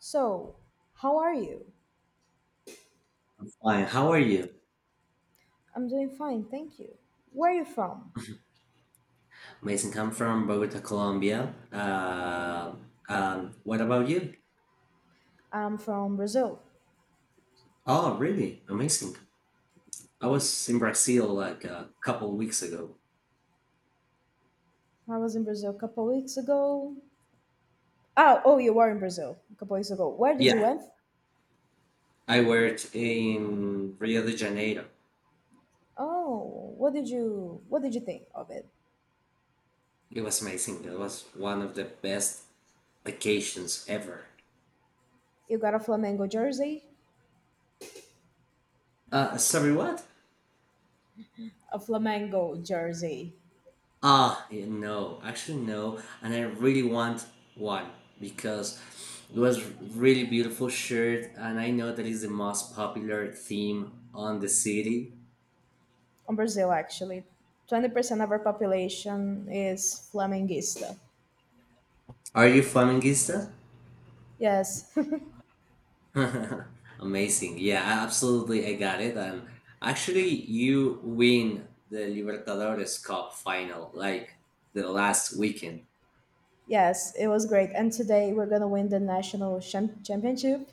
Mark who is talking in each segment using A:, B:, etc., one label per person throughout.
A: So, how are you?
B: Fine. How are you?
A: I'm doing fine, thank you. Where are you from?
B: Mason, come from Bogota, Colombia. What about you?
A: I'm from Brazil.
B: Oh, really? Amazing. I was in Brazil like a couple weeks ago.
A: I was in Brazil a couple weeks ago. Oh, oh, you were in Brazil a couple weeks ago. Where did you
B: Yeah,
A: went?
B: I worked in Rio de Janeiro.
A: Oh, what did you think of it?
B: It was amazing. It was one of the best vacations ever.
A: You got a Flamengo jersey?
B: Sorry, what?
A: A Flamengo jersey.
B: Yeah, no, actually no, and I really want one because it was really beautiful shirt, and I know that is the most popular theme on the city.
A: On Brazil actually. 20% of our population is Flamenguista.
B: Are you flamenguista?
A: Yes.
B: Amazing. Yeah, absolutely, I got it. And actually, you win the Libertadores Cup final like the last weekend.
A: Yes, it was great. And today we're going to win the national championship.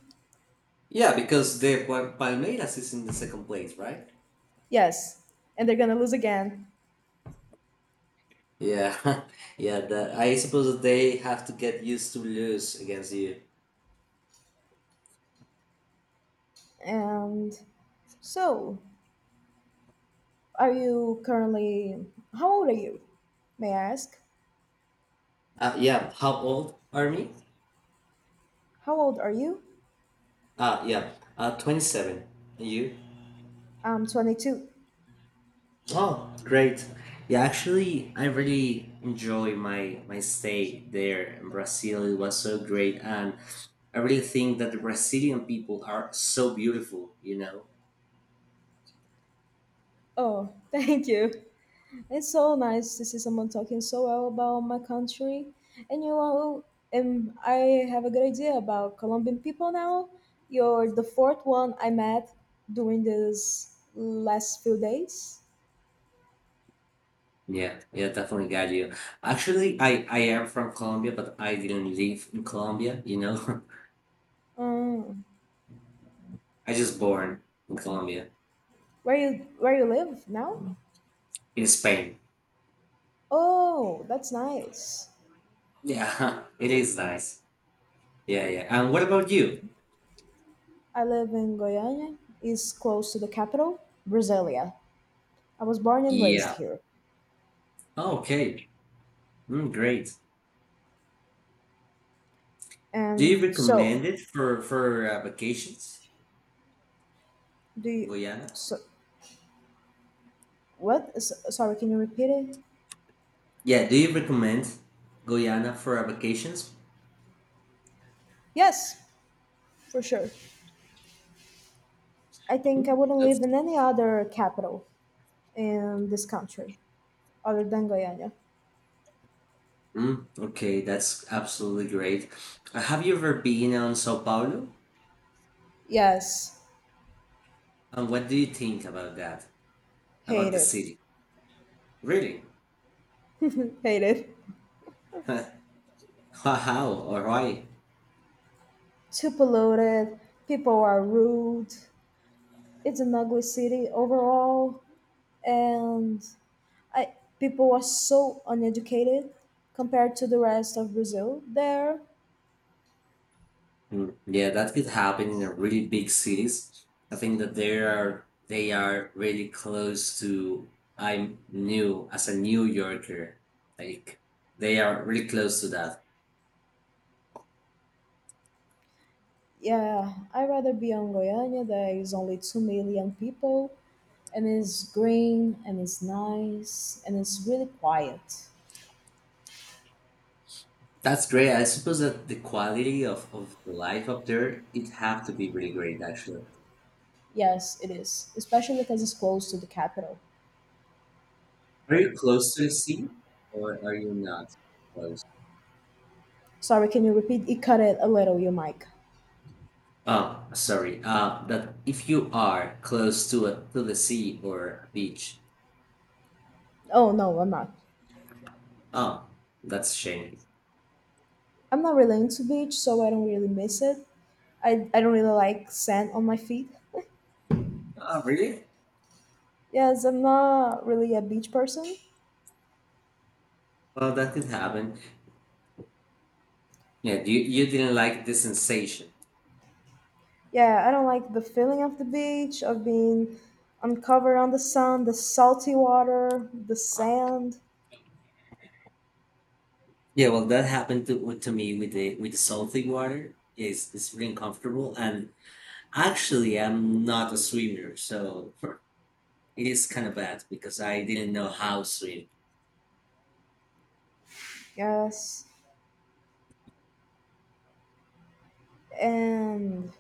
B: Yeah, because the Palmeiras is in the second place, right?
A: Yes, and they're gonna lose again.
B: Yeah, yeah. That I suppose they have to get used to lose against you.
A: And so, are you currently? How old are you? May I ask?
B: Yeah. How old are me?
A: How old are you?
B: Ah, yeah. 27. And you?
A: I'm 22.
B: Oh, great. Yeah, actually, I really enjoy my stay there in Brazil. It was so great, and I really think that the Brazilian people are so beautiful. You know.
A: Oh, thank you. It's so nice to see someone talking so well about my country. And you know, I have a good idea about Colombian people now. You're the fourth one I met during this last few days.
B: Yeah, yeah, definitely got you. Actually, I am from Colombia, but I didn't live in Colombia. You know.
A: Um,
B: I just born in Colombia,
A: where you live now?
B: in Spain.
A: Oh, that's nice.
B: Yeah, it is nice. Yeah, yeah. And what about you?
A: I live in Goiânia. It's close to the capital, Brasilia. I was born and raised
B: Yeah.
A: here.
B: Oh, okay. Mm, great. Do you
A: And so,
B: recommend it for for vacations,
A: do you,
B: Guyana?
A: so, what? Sorry, can you repeat it?
B: Yeah. Do you recommend Guyana for vacations?
A: Yes, for sure. I think I
B: Mm,
A: wouldn't
B: that's
A: live in any other capital in this country other than Goiânia.
B: mm, okay. That's absolutely great. Have you ever been on Sao Paulo?
A: Yes,
B: And what do you think about that? About
A: hate
B: the
A: it.
B: city? Really?
A: Hate it.
B: Wow. All right.
A: Too polluted. People are rude. It's an ugly city overall, and people were so uneducated compared to the rest of Brazil. There,
B: Mm, yeah, that could happen in a really big cities. I think that they are really close to I'm new as a New Yorker. Like they are really close to that.
A: yeah, I'd rather be on Goiânia. There is only 2 million people, and it's green, and it's nice, and it's really quiet.
B: That's great. I suppose that the quality of the life up there it have to be really great actually.
A: Yes, it is, especially because it's close to the capital.
B: Are you close to the sea or are you not close?
A: Sorry, can you repeat? It cut it a little, your mic.
B: Oh, sorry. That if you are close to to the sea or a beach,
A: Oh, no, I'm not.
B: oh, that's a shame.
A: I'm not really into beach, so I don't really miss it. I don't really like sand on my feet.
B: Oh, really?
A: Yes, I'm not really a beach person.
B: Well, that could happen. Yeah, you didn't like the sensation.
A: Yeah, I don't like the feeling of the beach, of being uncovered on the sun, the salty water, the sand.
B: Yeah, well, that happened to me with the salty water. Is it's really uncomfortable, and actually, I'm not a swimmer, so for, it is kind of bad because I didn't know how to swim.
A: Yes. And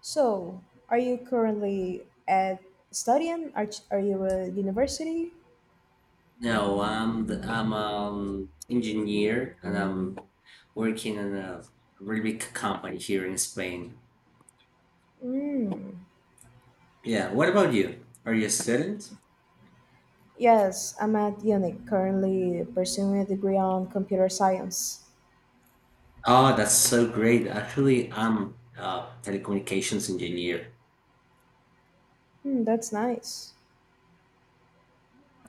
A: so, are you currently at studying? Are you at university?
B: No, I'm engineer, and I'm working in a really big company here in Spain.
A: Mm.
B: Yeah, what about you? Are you a student?
A: Yes, I'm at UNIC, currently pursuing a degree on computer science.
B: Oh, that's so great. Actually, I'm a telecommunications engineer.
A: Hmm, that's nice.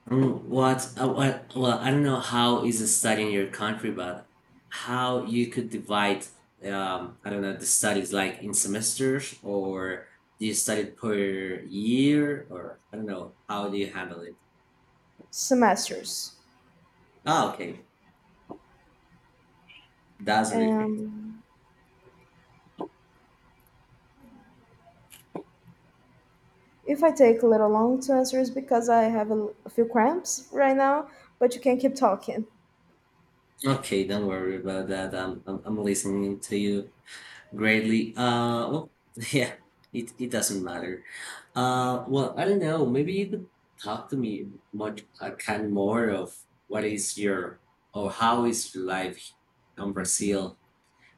B: Mm, well, I don't know how is the study in your country, but how you could divide, I don't know, the studies like in semesters or do you study per year or I don't know, how do you handle it?
A: Semesters.
B: Oh, okay. That's really great.
A: Um, If I take a little long to answer, is because I have a few cramps right now, but you can keep talking.
B: Okay, don't worry about that. I'm listening to you. Greatly. Well, yeah, it doesn't matter. Well, I don't know. Maybe you could talk to me much, I can more of what is your or how is your life in Brazil.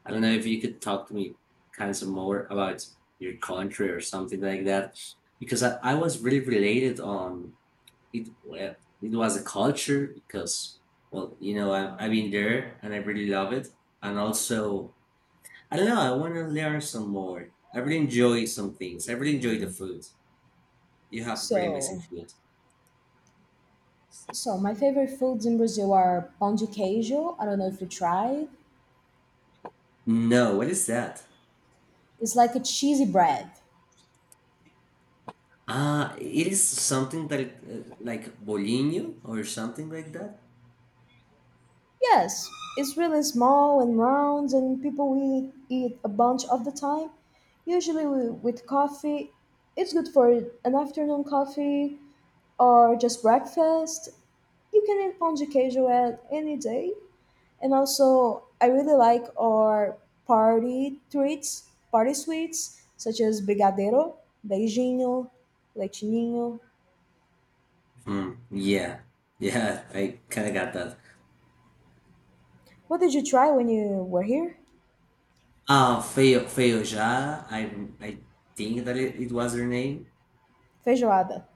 B: I don't know if you could talk to me kind of some more about your country or something like that, because I was really related on it. Well, it was a culture because, well, you know, I've been there and I really love it. And also, I don't know. I want to learn some more. I really enjoy some things. I really enjoy the food. You have really amazing
A: So,
B: food.
A: my favorite foods in Brazil are pão de queijo. I don't know if you tried.
B: No, what is that?
A: It's like a cheesy bread.
B: Ah, it is something that like bolinho or something like that.
A: Yes, it's really small and round, and people we eat a bunch of the time, usually with coffee. It's good for an afternoon coffee or just breakfast. You can eat pão de queijo at any day. And also, I really like our party treats, party sweets, such as brigadeiro, beijinho, leitinho.
B: Hmm. Yeah, yeah. I kind of got that.
A: What did you try when you were here?
B: Ah, Feojá. I think that it was her name.
A: Feijoada.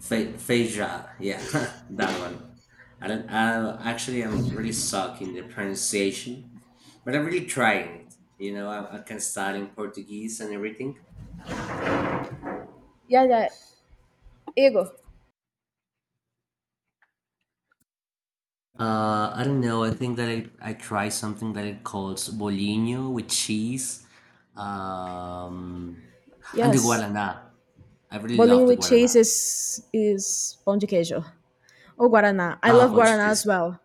B: Feijoada, yeah, that one. I don't, I actually I'm really suck in the pronunciation, but I'm really trying it. You know, I can study in Portuguese and everything.
A: Yeah, yeah. Igor.
B: I don't know. I think that I try something that it calls bolinho with cheese, um, and the
A: Yes.
B: guaraná. I really
A: Bolinho
B: love the
A: with
B: guaraná.
A: cheese is pão de queijo. Or Guaraná. I
B: Ah,
A: love Guaraná
B: Portuguese.
A: as well.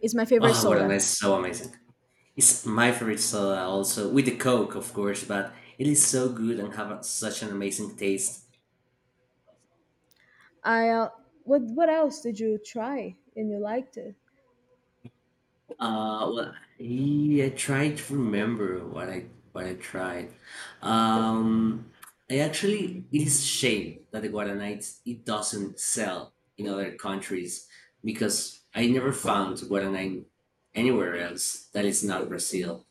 A: It's my favorite
B: Oh,
A: soda.
B: guaraná is so amazing. It's my favorite soda also, with the Coke, of course, but it is so good and such an amazing taste.
A: I What else did you try and you liked it?
B: Well, yeah, I tried to remember what I tried. Um, I actually, it is a shame that the Guaranites it doesn't sell in other countries because I never found Guaranite anywhere else that is not Brazil.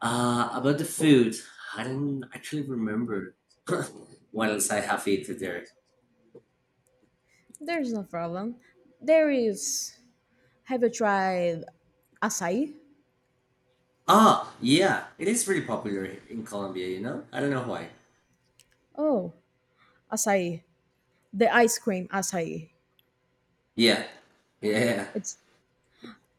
B: About the food, I don't actually remember what else I have eaten there.
A: There's no problem. There is Have you tried acai?
B: Ah, yeah, it is pretty popular here in Colombia, you know? I don't know why.
A: Oh, acai. The ice cream acai.
B: Yeah, yeah,
A: It's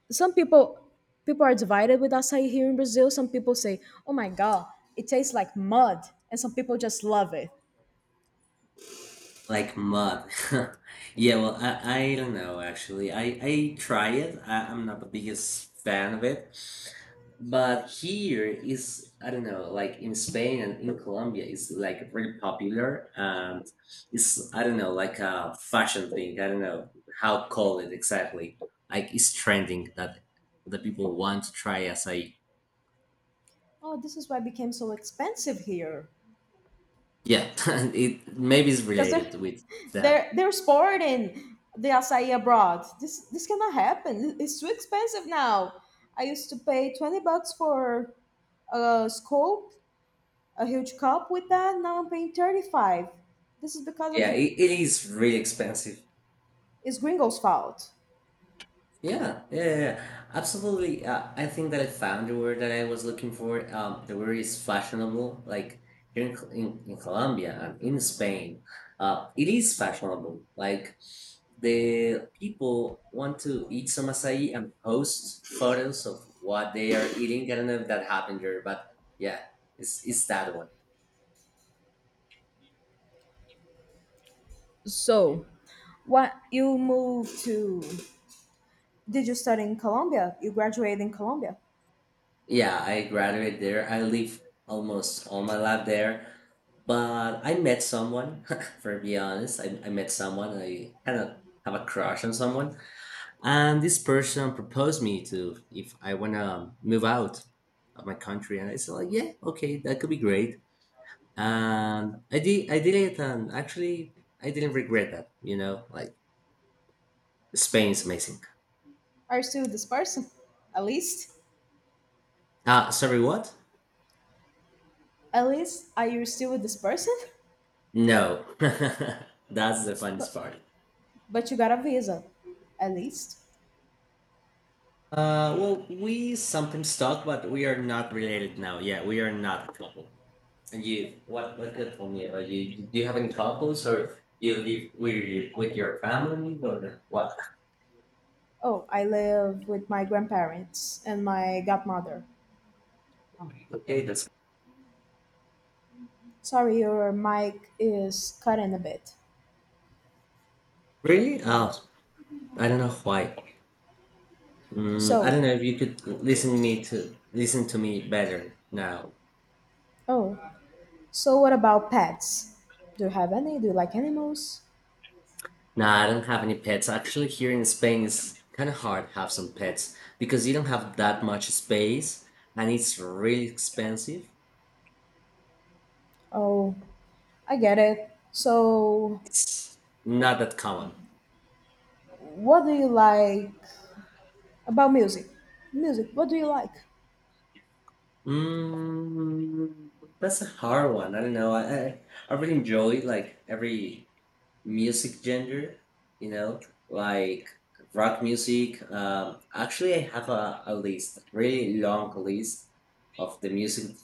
A: some people people are divided with acai here in Brazil. Some people say, "Oh my god, it tastes like mud." And some people just love it.
B: like mud. Yeah, well, I don't know actually. I try it. I'm not the biggest fan of it. But here is, I don't know, like in Spain and in Colombia is like really popular and it's, I don't know, like a fashion thing. I don't know how to call it exactly. Like it's trending that the people want to try as a
A: Oh, this is why it became so expensive here.
B: yeah, it maybe it's
A: Cuz they are
B: related with that.
A: they're sporting the acai abroad. This cannot happen. It's too expensive now. I used to pay $20 for a scoop, a huge cup with that. Now I'm paying 35. This is because of
B: Yeah,
A: the
B: it is really expensive.
A: it's Gringo's fault.
B: Yeah, yeah, yeah, yeah. Absolutely. I think that I found the word that I was looking for. The word is fashionable. Like here in, in Colombia and in Spain, it is fashionable. Like the people want to eat some acai and post photos of what they are eating. I don't know if that happened here, but yeah, it's that one.
A: So what you moved to, did you study in Colombia? You graduated in Colombia.
B: Yeah, I graduated there. I live almost all my life there. But I met someone, for be honest. I met someone. I kind of have a crush on someone. And this person proposed me to if I want to move out of my country. And I said, like, yeah, okay, that could be great. And I did it. And actually, I didn't regret that. You know, like, Spain's amazing.
A: Are you still with this person? At least?
B: Ah, sorry, what?
A: At least are you still with this person?
B: No. That's the funniest
A: But
B: part.
A: you got a visa. At least.
B: Well, we sometimes talk, but we are not related now. Yeah, we are not a couple. And you, what good for me? Are you, do you have any couples or you live with your family or what?
A: Oh, I live with my grandparents and my godmother.
B: Okay, that's
A: Sorry, your mic is cutting a bit.
B: really. Oh, I don't know why. Mm, I
A: So,
B: don't know if you could listen to me better now.
A: oh, so, what about pets? Do you have any? Do you like animals?
B: Nah, I don't have any pets. Actually, here in Spain, it's kind of hard to have some pets because you don't have that much space and it's really expensive.
A: Oh, I get it. So,
B: It's not that common.
A: what do you like about music? Music, what do you like?
B: Mm, that's a hard one. I don't know. I really enjoy like every music genre, you know, like rock music. Actually, I have a list, really long list of the music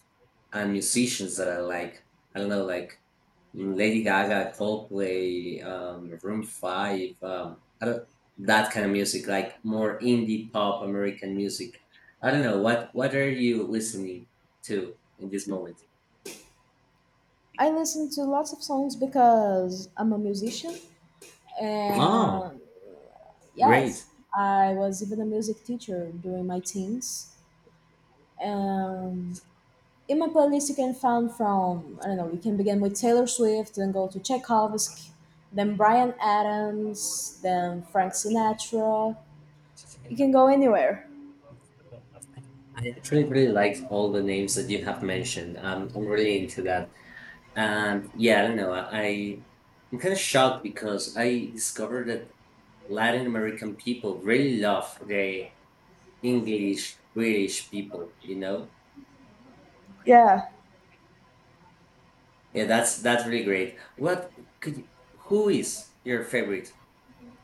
B: and musicians that I like. I don't know, like Lady Gaga, Coldplay, Room Five, I don't, that kind of music, like more indie pop American music. I don't know what are you listening to in this moment?
A: I listen to lots of songs because I'm a musician,
B: Oh,
A: and
B: great.
A: yes, I was even a music teacher during my teens. Um, in my playlist you can find from I don't know. You can begin with Taylor Swift, then go to Tchaikovsky, then Brian Adams, then Frank Sinatra. You can go anywhere.
B: I actually really like all the names that you have mentioned. I'm really into that. And yeah, I don't know. I I'm kind of shocked because I discovered that Latin American people really love the English British people. You know,
A: Yeah,
B: yeah, that's really great. Could you- who is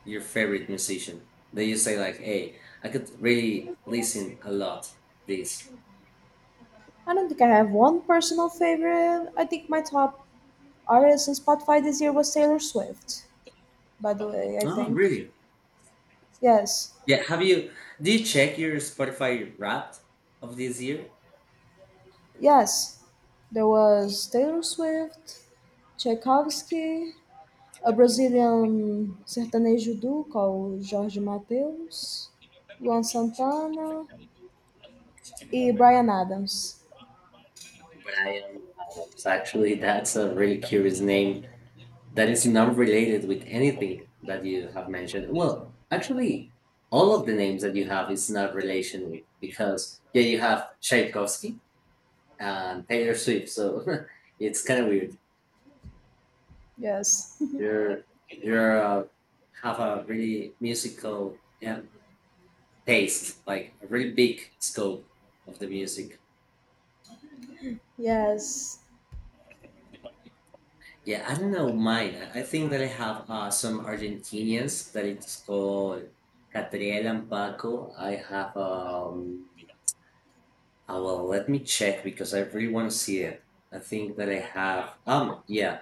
B: your favorite musician that you say like, hey, I could really listen a lot this.
A: I don't think I have one personal favorite. I think my top artist in Spotify this year was Taylor Swift. By the way, I
B: Oh,
A: think
B: really?
A: yes,
B: Yeah, have you do you check your Spotify Wrapped of this year?
A: yes, there was Taylor Swift, Tchaikovsky, a Brazilian sertanejo duo called Jorge Mateus, Luan Santana, and Bryan Adams.
B: Brian Adams. Actually, that's a really curious name that is not related with anything that you have mentioned. Well, actually, all of the names that you have is not relation with because yeah, you have Tchaikovsky and Taylor Swift, so it's kind of weird.
A: Yes.
B: You're have a really musical yeah, taste, like a really big scope of the music.
A: Yes.
B: Yeah, I don't know mine. I think that I have some Argentinians that it's called Catriel and Paco. I have, well, let me check because I really want to see it. I think that I have, yeah,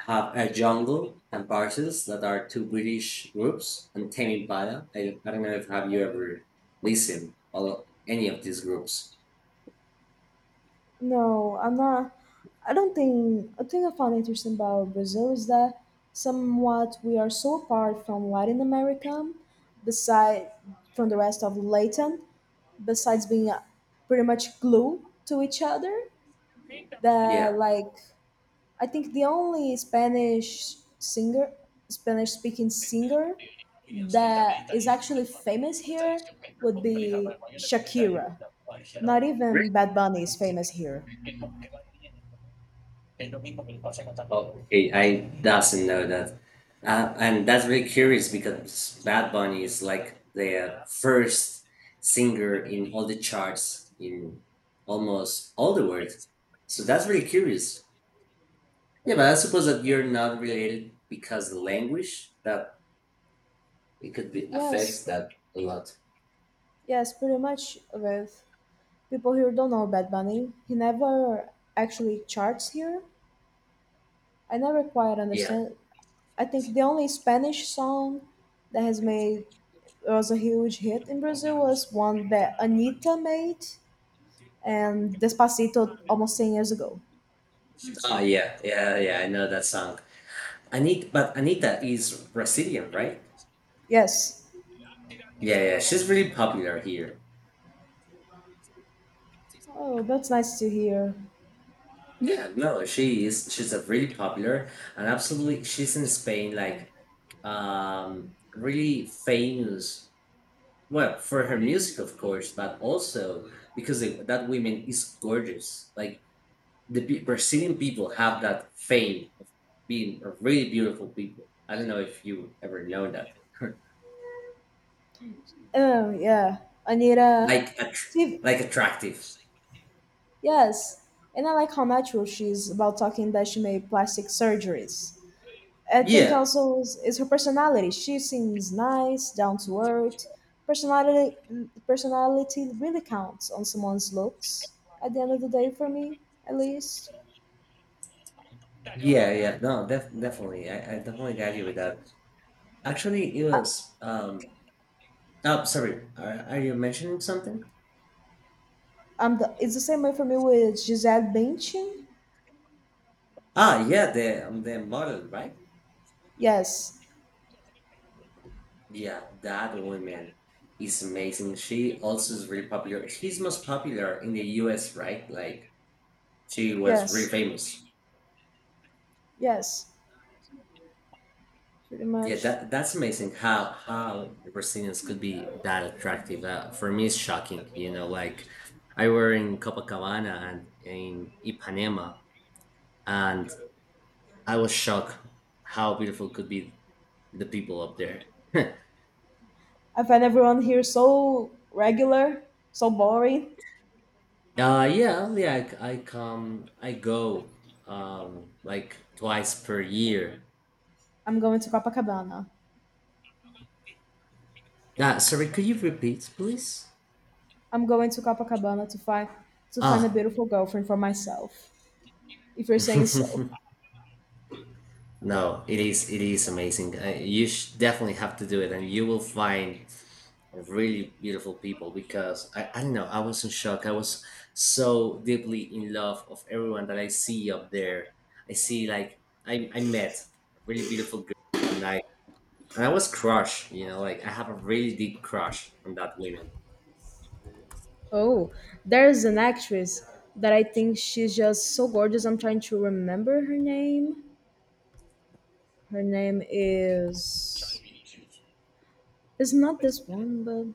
B: have a Jungle and Parcels that are two British groups and Tame Impala. I don't know if have you ever listened or any of these groups.
A: No, I'm not. I don't think. I think I found interesting about Brazil is that somewhat we are so apart from Latin America, beside from the rest of Latin, besides being pretty much glue to each other. That
B: Yeah.
A: like I think the only Spanish singer, Spanish speaking singer that is actually famous here would be Shakira. Not even Bad Bunny is famous here.
B: Oh, okay, I doesn't know that, and that's really curious because Bad Bunny is like the first singer in all the charts in almost all the world. So that's really curious. Yeah, but I suppose that you're not related because the language that it could be affects
A: Yes,
B: that a lot.
A: yes, pretty much with people here don't know Bad Bunny. He never actually charts here. I never quite
B: Yeah.
A: understand. I think the only Spanish song that has made was a huge hit in Brazil was one that Anita made, and Despacito almost 10 years ago.
B: Oh yeah, yeah, yeah. I know that song. Anita, but Anita is Brazilian, right?
A: Yes.
B: Yeah, yeah. She's really popular here.
A: Oh, that's nice to hear.
B: Yeah, no, she is. She's a really popular and absolutely. She's in Spain, like really famous. Well, for her music, of course, but also because they, that woman is gorgeous. Like Brazilian people have that fame of being a really beautiful people. I don't know if you ever know that.
A: Oh, yeah. Anita,
B: Like,
A: she,
B: like attractive.
A: yes. And I like how natural she is about talking that she made plastic surgeries. I think
B: Yeah,
A: also is her personality. She seems nice, down to earth. Personality, personality really counts on someone's looks at the end of the day for me, at least.
B: yeah, yeah. No, def- definitely. I definitely got you with that. Actually, it
A: I,
B: was oh, sorry. Are you mentioning something?
A: it's the same way for me with Gisele Bündchen.
B: Ah, yeah, the model, right?
A: Yes,
B: Yeah, that woman is amazing. She also is really popular. She's most popular in the U.S., right? Like she was really
A: yes.
B: famous.
A: Yes, pretty
B: Yeah,
A: much.
B: that that's amazing. How Brazilians could be that attractive? For me, it's shocking. You know, like I were in Copacabana and in Ipanema, and I was shocked how beautiful could be the people up there.
A: I find everyone here so regular, so boring.
B: Yeah, yeah I go like twice per year.
A: I'm going to Copacabana.
B: Ah sorry, could you repeat, please?
A: I'm going to Copacabana to find a
B: Ah.
A: beautiful girlfriend for myself. If you're saying so.
B: No, it is amazing. You sh definitely have to do it and you will find really beautiful people because I don't know, I was in shock. I was so deeply in love of everyone that I see up there. I see like I met a really beautiful girl one night I was crushed, you know, like I have a really deep crush on that woman.
A: Oh, there's an actress that I think she's just so gorgeous. I'm trying to remember her name. Her name is it's not this one, but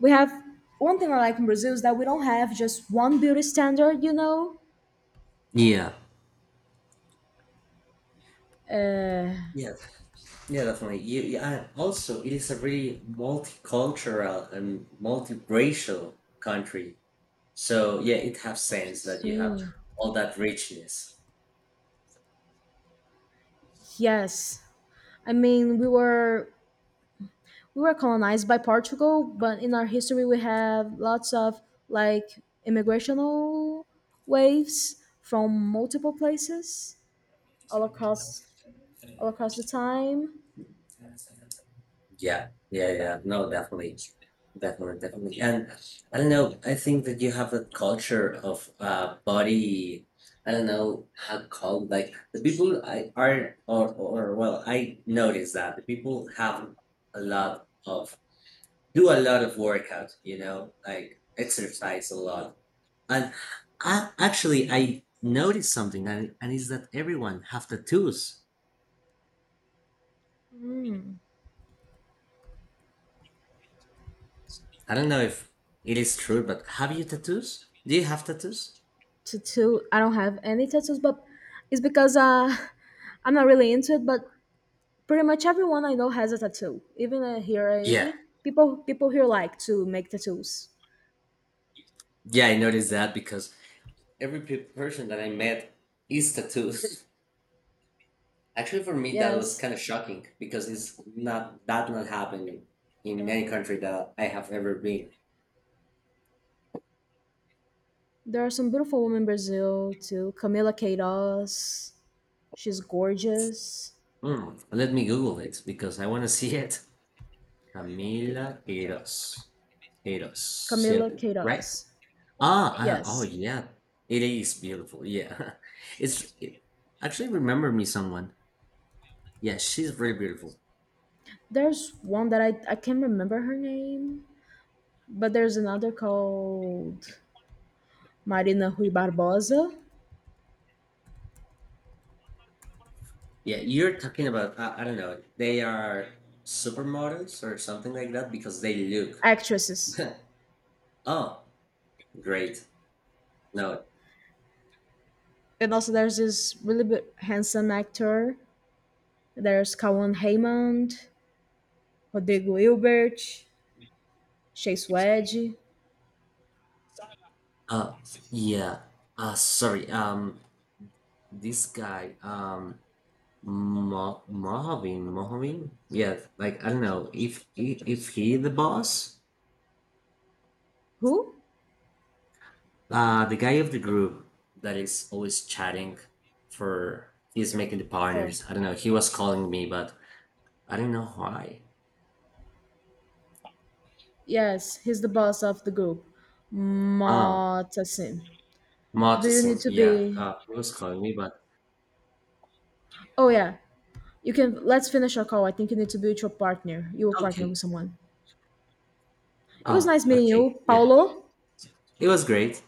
A: we have one thing I like in Brazil is that we don't have just one beauty standard, you know?
B: Yeah.
A: Uh,
B: Yeah, yeah, definitely. You, yeah, also, it is a really multicultural and multiracial country. So yeah, it has sense that you have
A: see.
B: all that richness.
A: Yes. I mean, we were colonized by Portugal, but in our history we have lots of like immigrational waves from multiple places all across the time.
B: Yeah, yeah, yeah. No, definitely. Definitely, definitely. And I don't know, I think that you have a culture of body I don't know how called like the people I are or well, I notice that the people have a lot of do a lot of workout, you know, like exercise a lot. And I actually I noticed something and is that everyone have tattoos.
A: Mm.
B: I don't know if it is true, but have you tattoos? Do you have tattoos?
A: To I don't have any tattoos, but it's because I'm not really into it, but pretty much everyone I know has a tattoo. Even here,
B: Yeah.
A: people here like to make tattoos.
B: Yeah, I noticed that because every person that I met is tattoos. Actually, for me, that was
A: Yes,
B: kind of shocking because it's not that not happening in any country that I have ever been.
A: there are some beautiful women in Brazil too. Camila Queiroz, she's gorgeous.
B: Hmm, let me Google it because I want to see it. Camila Eros. Eros,
A: Camila
B: ¿cierto? Right?
A: Queiroz,
B: Ah, ah, oh,
A: yes.
B: yeah. It is beautiful. Yeah. It's it actually remember me someone. Yeah, she's very beautiful.
A: There's one that I can't remember her name, but there's another called Marina Rui Barbosa.
B: Yeah, you're talking about I don't know. They are supermodels or something like that because they look.
A: Actresses.
B: Oh, great. No.
A: And also there's this really handsome actor. There's Kawan Raymond, Rodrigo Hilbert, Chase Wedge.
B: Uh yeah. Sorry. This guy Mohavin, Mohavin? Yeah, like I don't know. If he the boss,
A: Who?
B: the guy of the group that is always chatting for he's making the
A: Oh,
B: partners. I don't know. He was calling me, but I don't know why.
A: yes, he's the boss of the group.
B: Ah,
A: Motasin. Do you need
B: Martensen,
A: to
B: yeah,
A: be,
B: he was calling me, but
A: oh yeah. You can let's finish our call. I think you need to build your partner. You will partner
B: okay.
A: with someone. It was
B: Ah,
A: nice meeting
B: okay,
A: you,
B: yeah.
A: Paulo.
B: It was great.